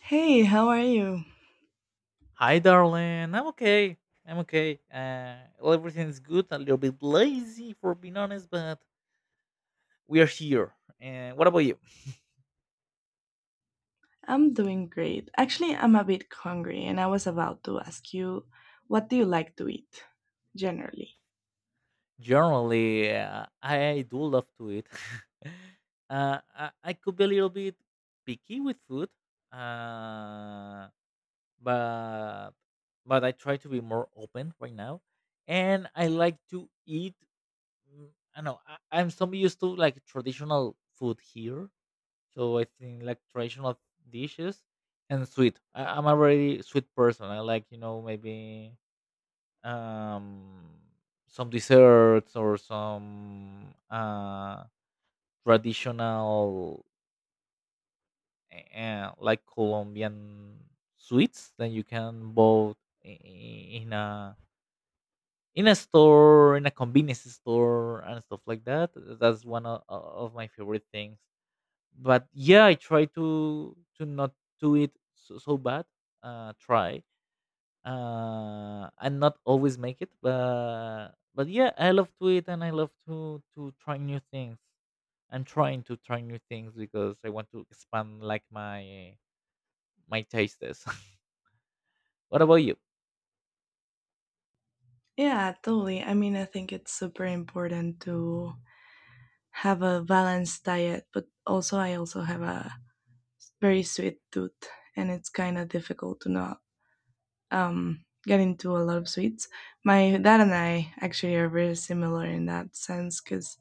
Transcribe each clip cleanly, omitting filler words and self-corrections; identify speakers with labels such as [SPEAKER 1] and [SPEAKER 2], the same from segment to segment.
[SPEAKER 1] Hey, how are you?
[SPEAKER 2] Hi, darling. I'm okay. I'm okay. Well, everything is good. A little bit lazy, for being honest, but we are here. And what about you?
[SPEAKER 1] I'm doing great. Actually, I'm a bit hungry, and I was about to ask you, what do you like to eat generally?
[SPEAKER 2] Generally, I do love to eat. I could be a little bit picky with food, uh, but but I try to be more open right now, and I like to eat. mm, I know I'm so used to like traditional food here. So I think like traditional dishes and sweet. I'm a very sweet person. I like, maybe, um some desserts or some traditional, like Colombian sweets that you can both in a in a store, in a convenience store and stuff like that. That's one of my favorite things. But yeah, I try to not do it so bad. Try, and not always make it, but yeah, I love to it and I love to try new things. I'm trying to try new things because I want to expand like my tastes. What about you?
[SPEAKER 1] Yeah, totally. I mean, I think it's super important to have a balanced diet, but also I also have a very sweet tooth, and it's kind of difficult to not get into a lot of sweets. My dad and I actually are very similar in that sense because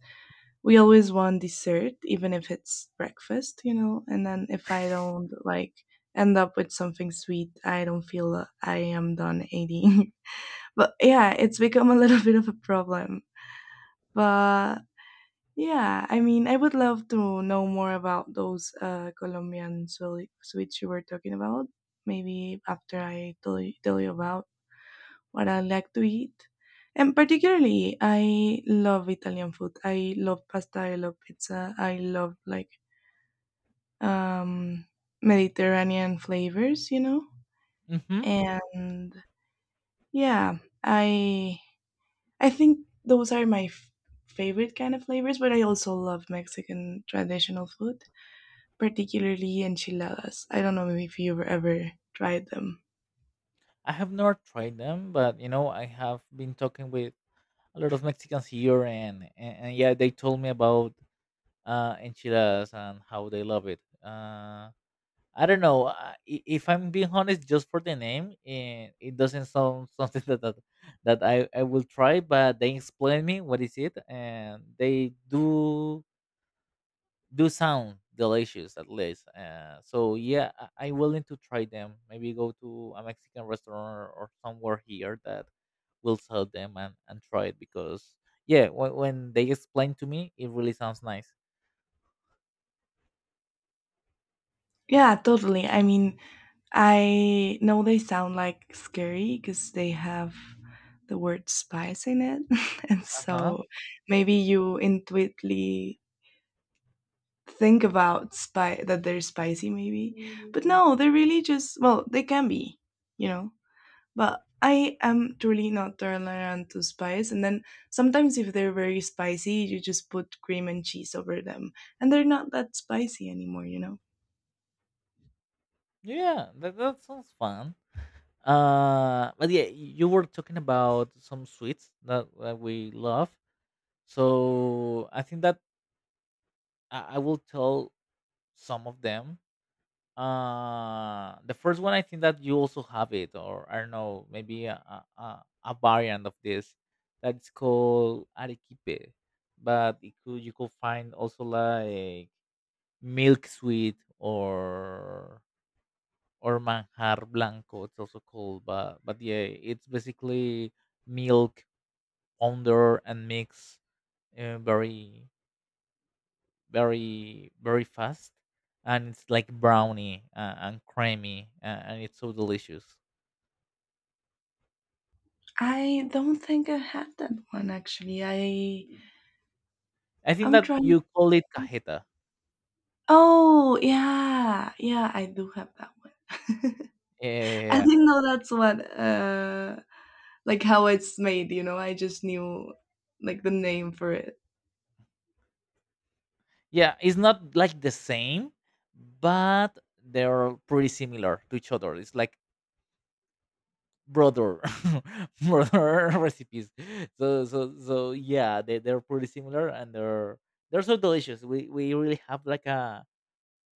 [SPEAKER 1] we always want dessert, even if it's breakfast, you know. And then if I don't like end up with something sweet, I don't feel I am done eating. But yeah, it's become a little bit of a problem. But yeah, I mean, I would love to know more about those Colombian sweets you were talking about. Maybe after I tell you about what I like to eat. And particularly, I love Italian food. I love pasta. I love pizza. I love like um, Mediterranean flavors, you know.
[SPEAKER 2] Hmm.
[SPEAKER 1] And yeah, I I think those are my favorite kind of flavors. But I also love Mexican traditional food, particularly enchiladas. I don't know if you've ever tried them.
[SPEAKER 2] I have not tried them, but you know I have been talking with a lot of Mexicans here, and yeah, they told me about enchiladas and how they love it. I don't know. If I'm being honest, just for the name, it doesn't sound something that I will try. But they explain me what is it, and they do sound delicious at least. So yeah, I'm willing to try them. Maybe go to a Mexican restaurant or somewhere here that will sell them, and try it, because yeah, when they explain to me, it really sounds nice.
[SPEAKER 1] Yeah, totally. I mean, I know they sound like scary because they have the word spice in it. And
[SPEAKER 2] Uh huh.
[SPEAKER 1] so maybe you intuitively think about that they're spicy, maybe. Mm. But no, they're really just, well, they can be, you know. But I am truly not tolerant to spice. And then sometimes if they're very spicy, you just put cream and cheese over them. And they're not that spicy anymore, you know.
[SPEAKER 2] Yeah, that sounds fun. But yeah, you were talking about some sweets that we love. So I think that I will tell some of them. The first one, I think that you also have it, or I don't know, maybe a variant of this, that's called arequipe, but you could find also like milk sweet or manjar blanco, it's also called. But yeah, it's basically milk powder and mix, uh, very very fast, and it's like brownie, and creamy, and it's so delicious.
[SPEAKER 1] I don't think I had that one actually. I
[SPEAKER 2] I think
[SPEAKER 1] I'm
[SPEAKER 2] that
[SPEAKER 1] trying.
[SPEAKER 2] you call it cajeta.
[SPEAKER 1] Oh, yeah. Yeah, I do have that one.
[SPEAKER 2] Yeah, yeah, yeah.
[SPEAKER 1] I
[SPEAKER 2] Yeah,
[SPEAKER 1] didn't know that's what like how it's made, you know. I just knew like the name for it.
[SPEAKER 2] yeah. It's not like the same, but they're pretty similar to each other. It's like brother brother recipes. So So yeah, they're pretty similar, and they're so delicious. We really have like a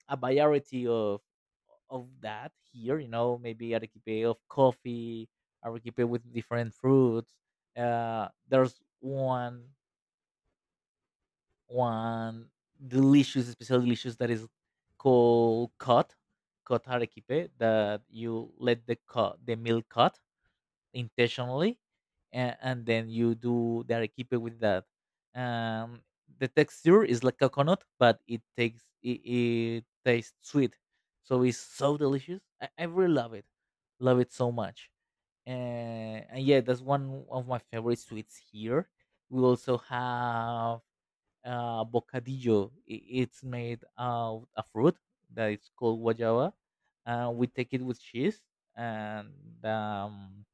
[SPEAKER 2] a variety of that here. Maybe arequipe of coffee, arequipe with different fruits. There's one delicious, special delicious that is called cut arequipe, that you let the cut, the milk cut intentionally, and then you do the arequipe with that. um the texture is like coconut, but it takes, it tastes sweet, so it's so delicious. I really love it, love it so much, and yeah, that's one of my favorite sweets here. We also have, bocadillo. It's made of a fruit that is called guayaba. We take it with cheese, and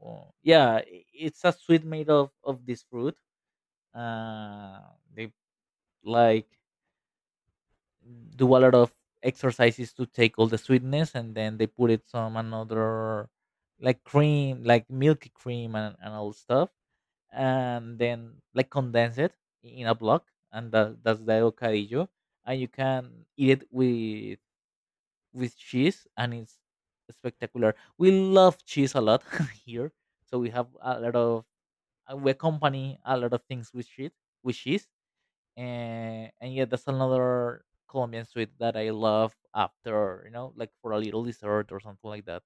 [SPEAKER 2] oh, yeah, it's a sweet made of this fruit. Uh, they like do a lot of exercises to take all the sweetness, and then they put it some another, like cream, like milky cream, and all stuff, and then like condense it in a block, and that's the bocadillo. And you can eat it with cheese, and it's spectacular. We love cheese a lot here, so we have a lot of, we accompany a lot of things with cheese, with cheese, and yeah, that's another Colombian sweet that I love, after, like for a little dessert or something like that.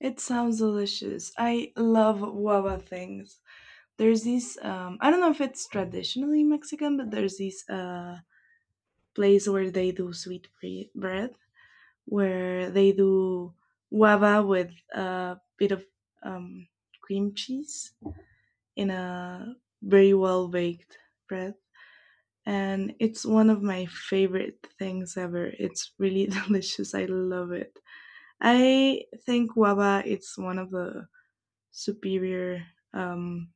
[SPEAKER 1] It sounds delicious. I love guava things. There's these. I don't know if it's traditionally Mexican, but there's this place where they do bread where they do guava with a bit of um, cream cheese in a very well baked bread. And it's one of my favorite things ever. It's really delicious. I love it. I think guava is one of the superior um,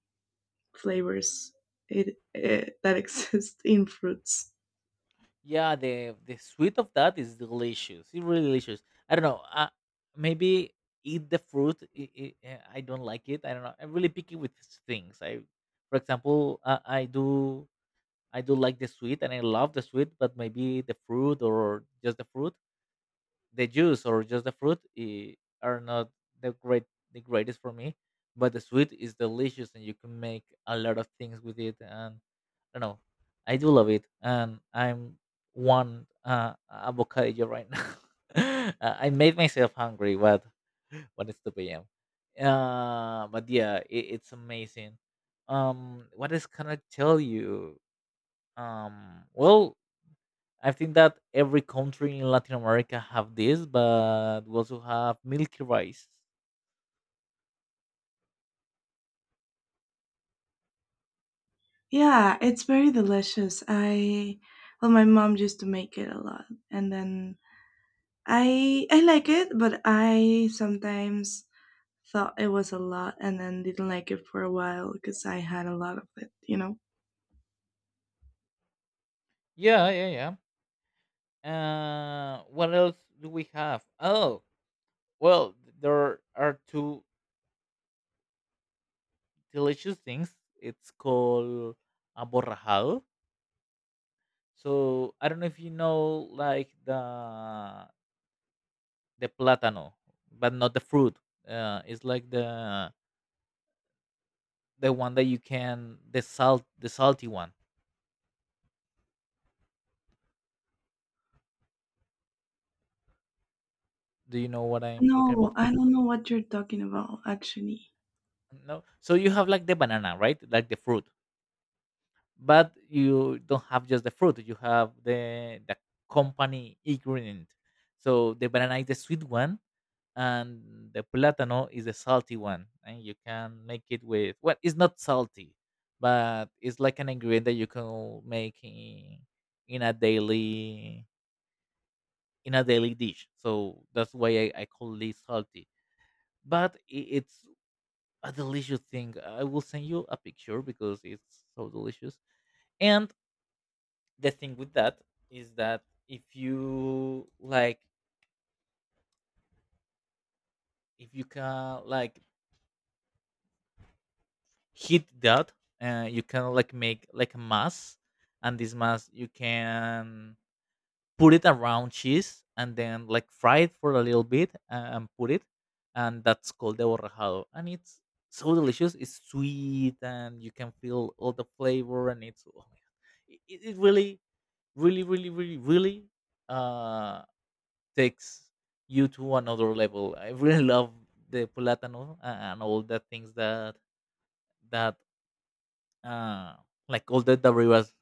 [SPEAKER 1] flavors that exist in fruits.
[SPEAKER 2] Yeah, the sweet of that is delicious. It's really delicious. I don't know. Maybe eat the fruit, I don't like it. I don't know. I'm really picky with things. For example, I do like the sweet, and I love the sweet. But maybe the fruit, or just the fruit, the juice, or just the fruit are not the great the greatest for me. But the sweet is delicious, and you can make a lot of things with it, and I don't know, I do love it. And I'm one, avocado right now. I made myself hungry. What? What is 2 p.m. But yeah, it's amazing. What else can I tell you? Well, I think that every country in Latin America have this, but we also have milky rice.
[SPEAKER 1] Yeah, it's very delicious. I well, my mom used to make it a lot, and then I like it, but I sometimes thought it was a lot and then didn't like it for a while because I had a lot of it, you know?
[SPEAKER 2] Yeah, yeah, yeah. What else do we have? Oh, well, there are two delicious things. It's called aborrajado. So I don't know if you know, like the plátano, but not the fruit. It's like the one that you can, the salty one. Do you know what I'm talking
[SPEAKER 1] No,
[SPEAKER 2] about?
[SPEAKER 1] I don't know what you're talking about, actually.
[SPEAKER 2] No. So you have like the banana, right? Like the fruit. But you don't have just the fruit, you have the company ingredient. So the banana is the sweet one, and the plátano is the salty one. And you can make it with, well, it's not salty, but it's like an ingredient that you can make in, a daily in a daily dish. So that's why I call it salty. But it's a delicious thing. I will send you a picture because it's so delicious. And the thing with that is that, if you like, if you can like heat that, you can like make like a mass, and this mass you can put it around cheese and then like fry it for a little bit, and put it, and that's called the borrajado, and it's so delicious. It's sweet, and you can feel all the flavor, and it's, oh my god, it really, really, really, really, really, uh, takes you to another level. I really love the platano and all the things that, uh, like all the derivatives,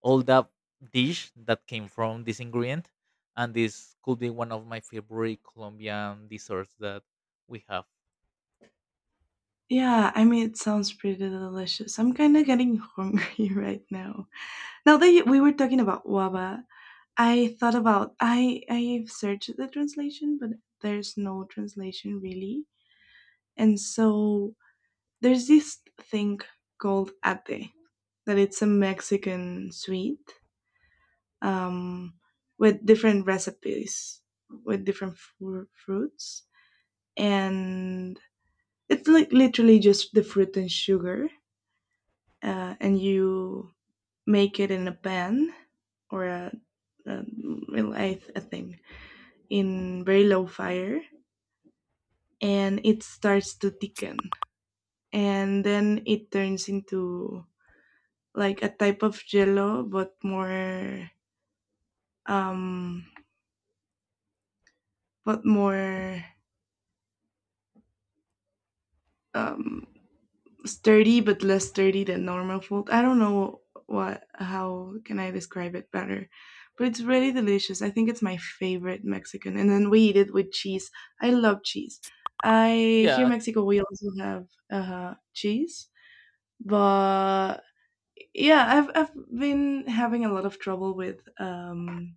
[SPEAKER 2] all that dish that came from this ingredient, and this could be one of my favorite Colombian desserts that we have.
[SPEAKER 1] Yeah, I mean, it sounds pretty delicious. I'm kind of getting hungry right now. Now that you, we were talking about waba, I thought about I I've searched the translation, but there's no translation really. And so there's this thing called ate that it's a Mexican sweet um, with different recipes with different fruits and it's like literally just the fruit and sugar, and you make it in a pan or a, well, a thing in very low fire, and it starts to thicken, and then it turns into like a type of jello um but more um sturdy but less sturdy than normal food. I don't know what, how can I describe it better? But it's really delicious. I think it's my favorite Mexican, and then we eat it with cheese. I love cheese. I, here in
[SPEAKER 2] Yeah.
[SPEAKER 1] Mexico, we also have cheese, but yeah, I've I've been having a lot of trouble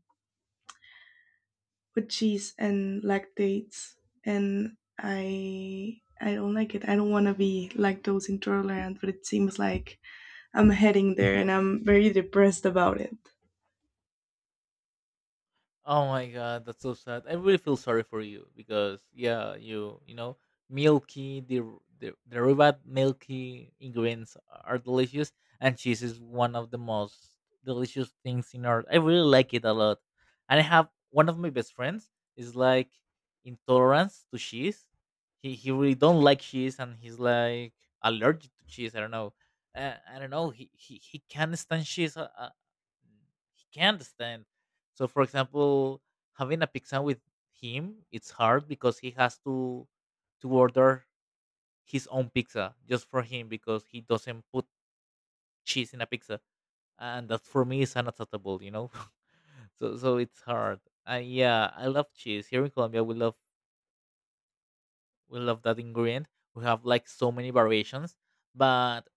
[SPEAKER 1] with cheese and lactates, and I don't like it. I don't want to be lactose intolerant, but it seems like I'm heading there, and I'm very depressed about it.
[SPEAKER 2] Oh my god, that's so sad. I really feel sorry for you, because yeah, you know, milky, the derivat, milky ingredients are delicious, and cheese is one of the most delicious things in earth. I really like it a lot, and I have one of my best friends is like intolerance to cheese. He really don't like cheese, and he's like allergic to cheese. I don't know. I don't know. He can't stand cheese. Mm, he can't stand. So, for example, having a pizza with him, it's hard, because he has to order his own pizza just for him, because he doesn't put cheese in a pizza, and that for me is unacceptable. You know, so it's hard. And yeah, I love cheese. Here in Colombia, we love that ingredient. We have like so many variations, but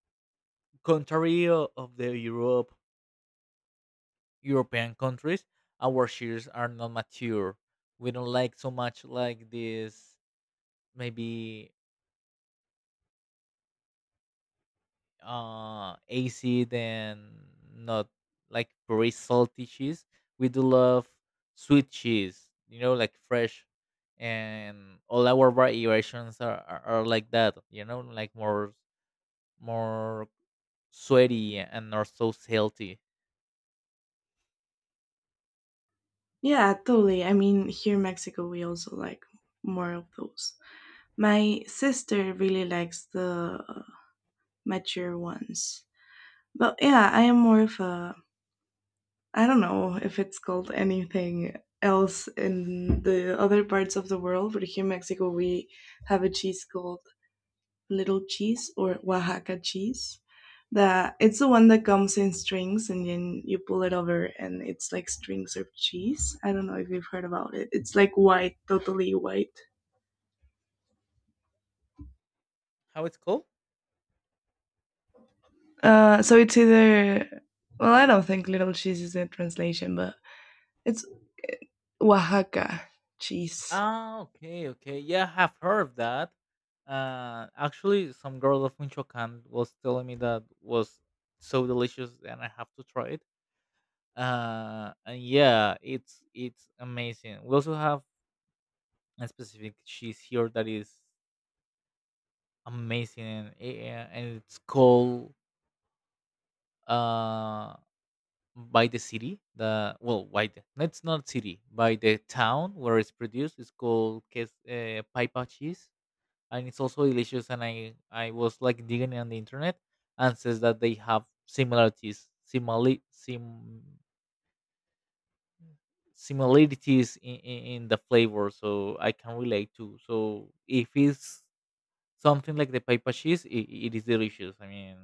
[SPEAKER 2] contrary of the European countries, our shears are not mature. We don't like so much like this, maybe acid, and not like very salty cheese. We do love sweet cheese, you know, like fresh, and all our variations are like that, you know, like more sweaty and not so salty.
[SPEAKER 1] Yeah, totally. I mean, here in Mexico, we also like more of those. My sister really likes the mature ones. But yeah, I am more of I don't know if it's called anything else in the other parts of the world, but here in Mexico, we have a cheese called little cheese or Oaxaca cheese. That it's the one that comes in strings and then you pull it over and it's like strings of cheese. I don't know if you've heard about it. It's like white, totally white.
[SPEAKER 2] How it's called?
[SPEAKER 1] So it's either well, I don't think little cheese is the translation, but it's Oaxaca cheese.
[SPEAKER 2] Ah, okay, okay. Yeah, I have heard of that. Actually, some girl of Michoacan was telling me that was so delicious, and I have to try it. And yeah, it's amazing. We also have a specific cheese here that is amazing, and it's called, uh by the city. The well, by the no, it's not city, by the town where it's produced. It's called Paipa cheese, and it's also delicious. And I was like digging on the internet, and says that they have similarities, simili- sim similarities in the flavor, so I can relate to. So if it's something like the papa cheese, it is delicious. I mean,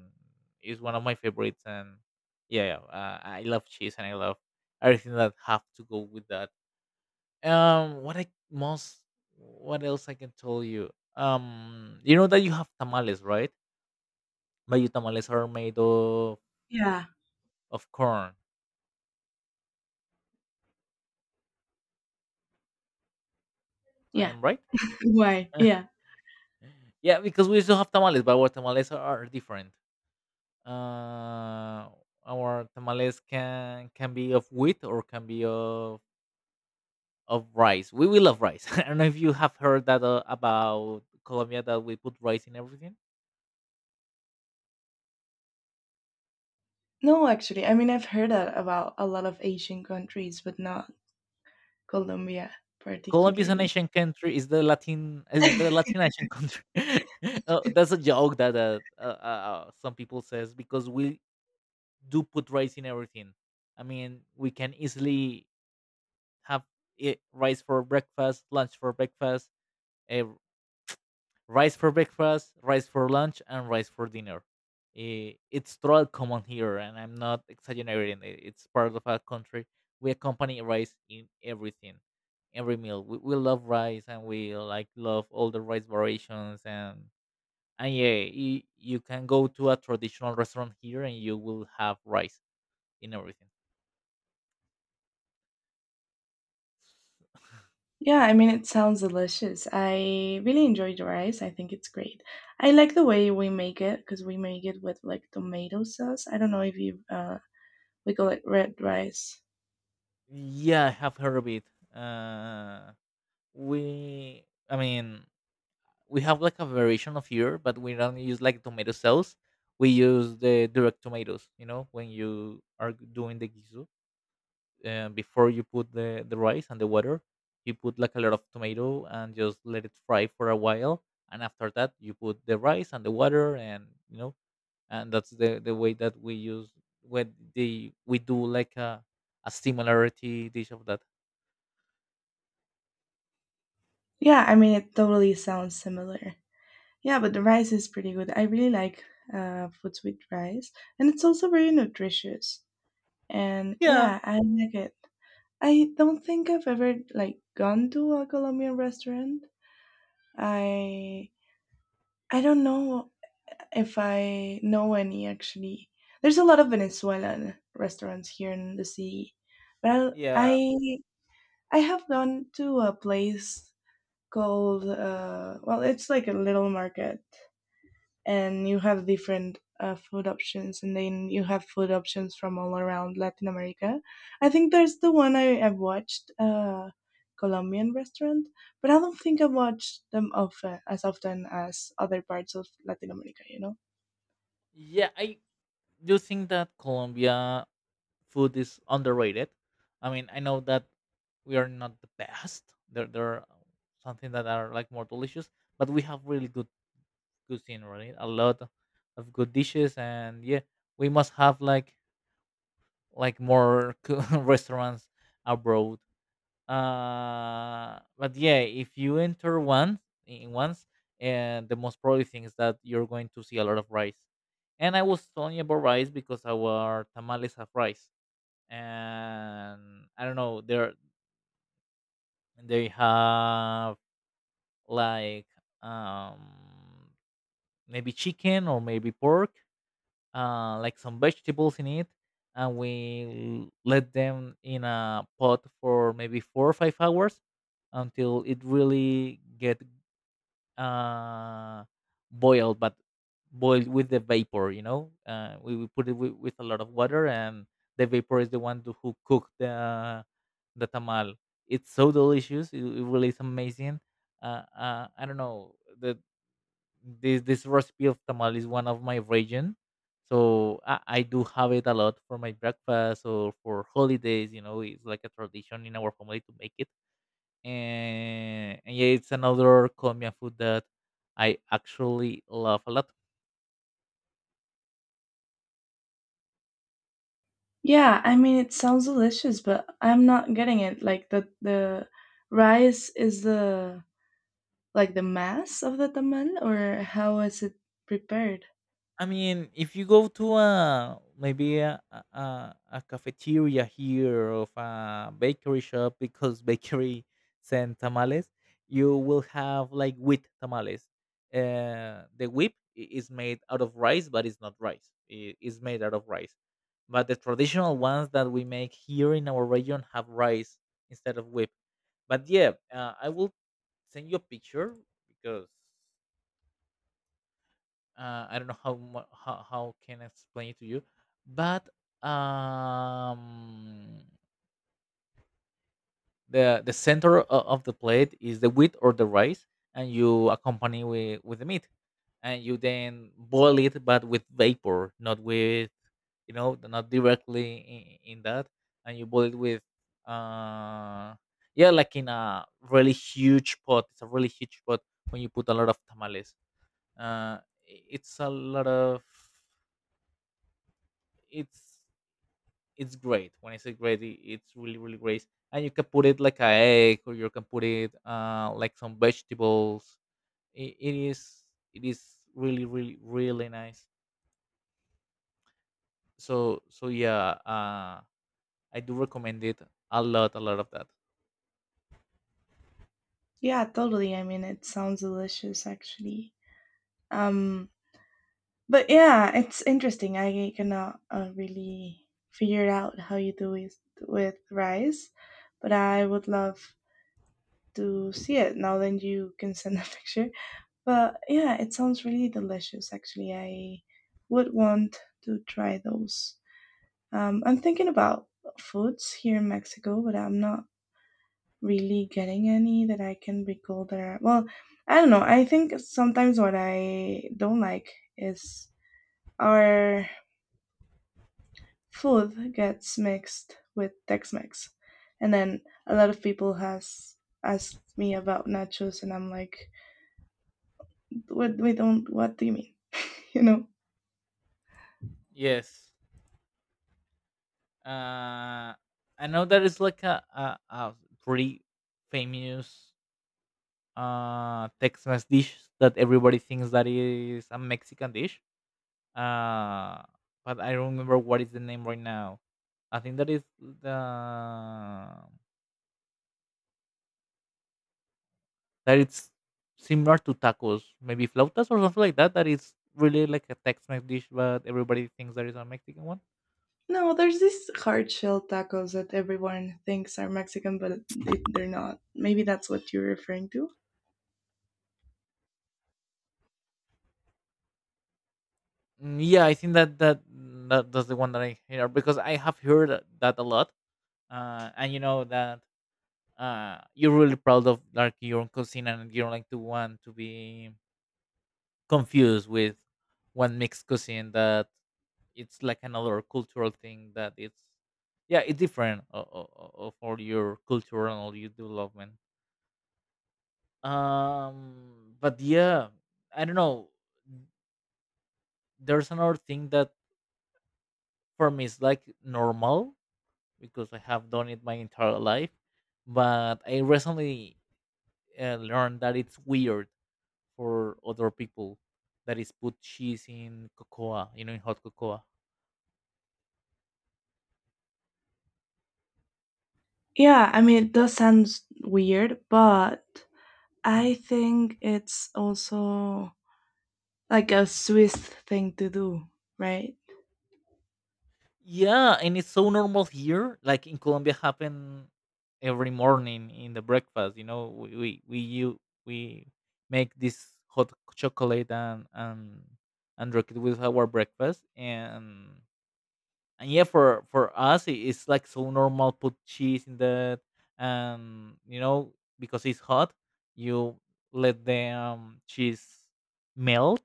[SPEAKER 2] it's one of my favorites, and yeah, yeah, I love cheese and I love everything that have to go with that. Um, what I most, what else I can tell you? You know that you have tamales, right? Mayo tamales are made of
[SPEAKER 1] Yeah.
[SPEAKER 2] of corn. I
[SPEAKER 1] Yeah.
[SPEAKER 2] am right?
[SPEAKER 1] Why? Yeah.
[SPEAKER 2] Yeah, because we still have tamales, but our tamales are different. Uh, our tamales can be of wheat, or can be of rice. We will love rice. I don't know if you have heard that about Colombia, that we put rice in everything.
[SPEAKER 1] No, actually, I mean I've heard that about a lot of Asian countries, but not Colombia
[SPEAKER 2] Colombia is an
[SPEAKER 1] particularly.
[SPEAKER 2] Asian country. Is the Latin is the Latin Asian country. That's a joke that some people says, because we do put rice in everything. I mean, we can easily have rice for breakfast, lunch for breakfast, uh, rice for breakfast, rice for lunch, and rice for dinner. Eh, it's totally common here, and I'm not exaggerating. It's part of our country. We accompany rice in everything, every meal. We love rice, and we like love all the rice variations. And yeah, you can go to a traditional restaurant here, and you will have rice in everything.
[SPEAKER 1] Yeah, I mean, it sounds delicious. I really enjoy the rice. I think it's great. I like the way we make it because we make it with like tomato sauce. I don't know if you we call it red rice.
[SPEAKER 2] Yeah, I have heard of it. Uh, I mean, we have like a variation of here, but we don't use like tomato sauce. We use the direct tomatoes. You know, when you are doing the gizu, before you put the rice and the water, you put like a lot of tomato and just let it fry for a while. And after that, you put the rice and the water, and you know, and that's the way that we use when they we do like a similarity dish of that.
[SPEAKER 1] Yeah, I mean, it totally sounds similar. Yeah, but the rice is pretty good. I really like foods with rice, and it's also very nutritious. And yeah, I like it. I don't think I've ever like gone to a Colombian restaurant. I I don't know if I know any actually. There's a lot of Venezuelan restaurants here in the city. Well,
[SPEAKER 2] Yeah,
[SPEAKER 1] I have gone to a place called well, it's like a little market, and you have different food options, and then you have food options from all around Latin America. I think there's the one I've watched, Colombian restaurant, but I don't think I watch them often as other parts of Latin America. You know.
[SPEAKER 2] yeah, I do think that Colombia food is underrated. I mean, I know that we are not the best. There are something that are like more delicious, but we have really good cuisine, right? A lot of good dishes, and yeah, we must have like more restaurants abroad. But yeah, if you enter once in once, and the most probably thing is that you're going to see a lot of rice. And I was telling you about rice because our tamales have rice. And I don't know, they have like um maybe chicken or maybe pork, like some vegetables in it, and we let them in a pot for maybe 4 or 5 hours until it really get uh, boiled, but boiled with the vapor. You know, we put it with a lot of water, and the vapor is the one to, who cooked the tamal. It's so delicious. It really is amazing. I don't know. The this this recipe of tamal is one of my region, so I do have it a lot for my breakfast or for holidays. You know, it's like a tradition in our family to make it. And yeah, it's another Colombian food that I actually love a lot.
[SPEAKER 1] Yeah, I mean, it sounds delicious, but I'm not getting it. Like the rice is the like the mass of the tamal, or how is it prepared?
[SPEAKER 2] I mean, if you go to a maybe a cafeteria here of a bakery shop, because bakery send tamales, you will have like wheat tamales. The whip is made out of rice, but it's not rice. It is made out of rice. But the traditional ones that we make here in our region have rice instead of whip. But yeah, I will send you a picture, because I don't know how, how can I explain it to you, but um, the center of the plate is the wheat or the rice, and you accompany with the meat, and you then boil it, but with vapor, not with, you know, not directly in that, and you boil it with uh yeah like in a really huge pot. It's a really huge pot, when you put a lot of tamales. Uh, it's a lot of, it's it's great. When I say great, it's really really great. And you can put it like a egg, or you can put it like some vegetables. It, it is it is really really really nice. So so yeah, I do recommend it a lot, a lot of that.
[SPEAKER 1] Yeah, totally. I mean, it sounds delicious actually. Um, but yeah, it's interesting. I cannot really figure out how you do it with rice, but I would love to see it now that you can send a picture. But yeah, it sounds really delicious. Actually, I would want to try those. I'm thinking about foods here in Mexico, but I'm not really getting any that I can recall that are, well, I don't know. I think sometimes what I don't like is our food gets mixed with Tex-Mex. And then a lot of people has asked me about nachos and I'm like, what we don't what do you mean? You know?
[SPEAKER 2] Yes, uh, I know that it's like a pretty famous Tex-Mex dish that everybody thinks that is a Mexican dish. Uh, but I don't remember what is the name right now. I think that is the, that it's similar to tacos, maybe flautas or something like that. That is really like a Tex-Mex dish, but everybody thinks that is a Mexican one.
[SPEAKER 1] No, there's these hard shell tacos that everyone thinks are Mexican, but they're not. Maybe that's what you're referring to.
[SPEAKER 2] Mm, yeah, I think that that that's the one that I hear, because I have heard that that a lot. And you know that you're really proud of like your own cuisine, and you don't like to want to be confused with one mixed cuisine that it's like another cultural thing, that it's, yeah, it's different of all your culture and all your development. But yeah, I don't know, there's another thing that for me is like normal, because I have done it my entire life, but I recently learned that it's weird for other people. That is put cheese in cocoa, you know, in hot cocoa.
[SPEAKER 1] Yeah, I mean, it does sound weird, but I think it's also like a Swiss thing to do, right?
[SPEAKER 2] Yeah, and it's so normal here. Like in Colombia, happen every morning in the breakfast. You know, we make this hot chocolate and and drink it with our breakfast. And yeah, for us, it's like so normal. Put cheese in that, and you know, because it's hot, you let the cheese melt,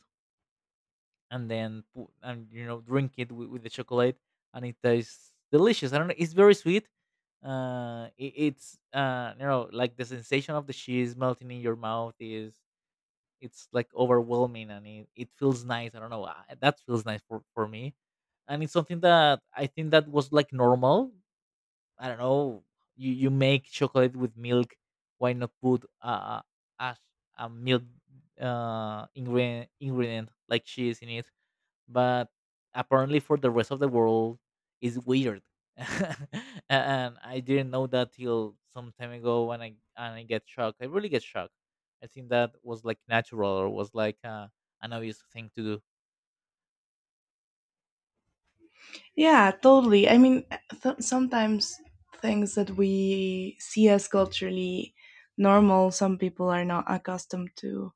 [SPEAKER 2] and then and you know drink it with the chocolate. And it tastes delicious. I don't know, it's very sweet. It, it's you know, like the sensation of the cheese melting in your mouth is, it's like overwhelming, and it feels nice. I don't know, that feels nice for me. And it's something that I think that was like normal. I don't know, you make chocolate with milk, why not put a, a milk ingredient like cheese in it. But apparently for the rest of the world it's weird. And I didn't know that till some time ago, when I get shocked. I really get shocked. I think that was like natural, or was like an obvious thing to do.
[SPEAKER 1] Yeah, totally. I mean, sometimes things that we see as culturally normal, some people are not accustomed to.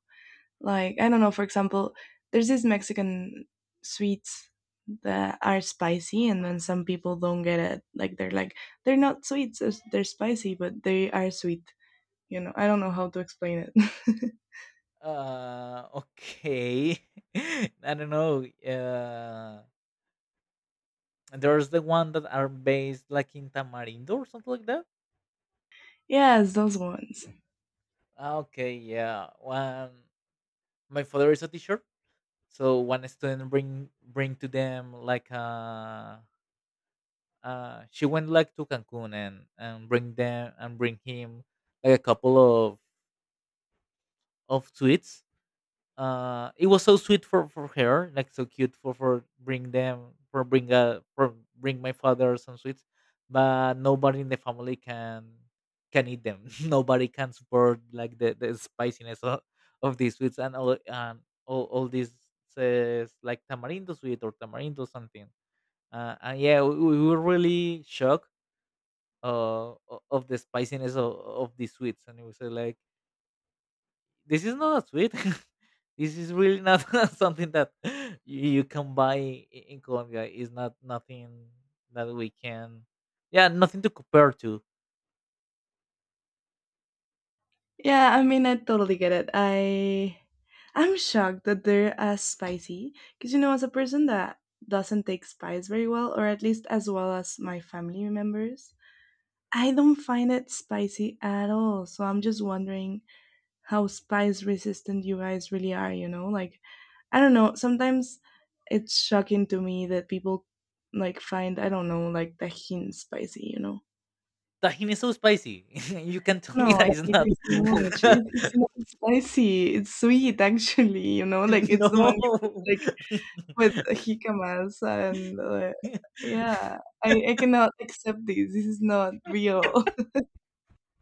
[SPEAKER 1] Like, I don't know, for example, there's these Mexican sweets that are spicy, and then some people don't get it. Like, they're not sweets, they're spicy, but they are sweet. You know, I don't know how to explain it.
[SPEAKER 2] Okay. I don't know, there's the one that are based like in tamarindo or something like that.
[SPEAKER 1] Yes, those ones.
[SPEAKER 2] Ah, okay, yeah. One, my father is a teacher, so one student bring to them like she went like to Cancun, and bring them and bring him like a couple of sweets. It was so sweet for her, like so cute for bring them, for bring my father some sweets. But nobody in the family can eat them. Nobody can support like the spiciness of these sweets. All these says like tamarindo sweet or tamarindo something. And yeah, we were really shocked o- of the spiciness of these sweets. And it was like, this is not a sweet. This is really not something that you can buy in Colombia. It's not nothing that we can. Yeah, nothing to compare to.
[SPEAKER 1] Yeah, I mean, I totally get it. I I'm shocked that they're as spicy because you know, as a person that doesn't take spice very well, or at least as well as my family members, I don't find it spicy at all. So I'm just wondering how spice resistant you guys really are. You know, like I don't know. Sometimes it's shocking to me that people like find I don't know like Tajin spicy. You know.
[SPEAKER 2] Tajin is so spicy. You can tell me
[SPEAKER 1] No, I
[SPEAKER 2] that it's
[SPEAKER 1] hate
[SPEAKER 2] not.
[SPEAKER 1] it so much. It's not spicy. It's sweet, actually. You know, like it's the one you put
[SPEAKER 2] No.
[SPEAKER 1] like with jicama and yeah, I cannot accept this. This is not real.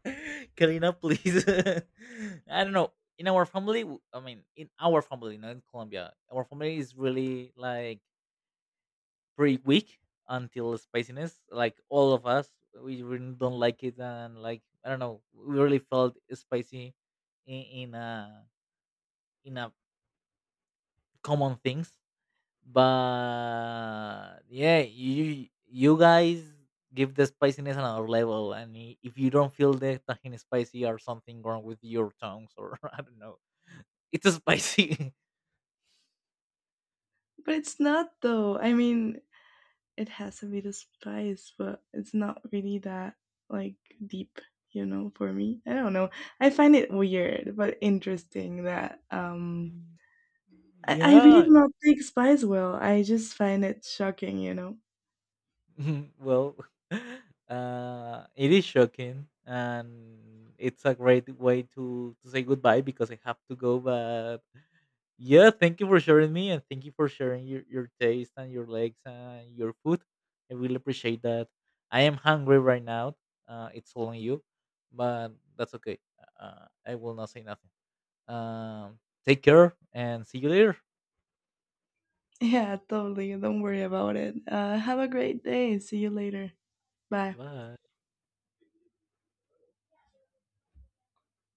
[SPEAKER 2] Karina, please. I don't know. In our family, I mean, in our family, not in Colombia, our family is really like pretty weak until spiciness. Like all of us, we really don't like it, and like, I don't know, we really felt spicy in in a in a common things. But yeah, you guys give the spiciness another level, and if you don't feel the tahini spicy, or something wrong with your tongues, or I don't know, it's spicy.
[SPEAKER 1] But it's not though. I mean, it has a bit of spice, but it's not really that like deep. You know, for me, I don't know. I find it weird but interesting that
[SPEAKER 2] Mm.
[SPEAKER 1] I really
[SPEAKER 2] Yeah.
[SPEAKER 1] do not take spice well. I just find it shocking, you know.
[SPEAKER 2] Well, it is shocking, and it's a great way to say goodbye, because I have to go. But yeah, thank you for sharing me, and thank you for sharing your taste and your legs and your food. I really appreciate that. I am hungry right now. It's all on you, but that's okay. I will not say nothing. Take care, and see you later.
[SPEAKER 1] Yeah, totally. Don't worry about it. Have a great day. See you later. Bye.
[SPEAKER 2] Bye.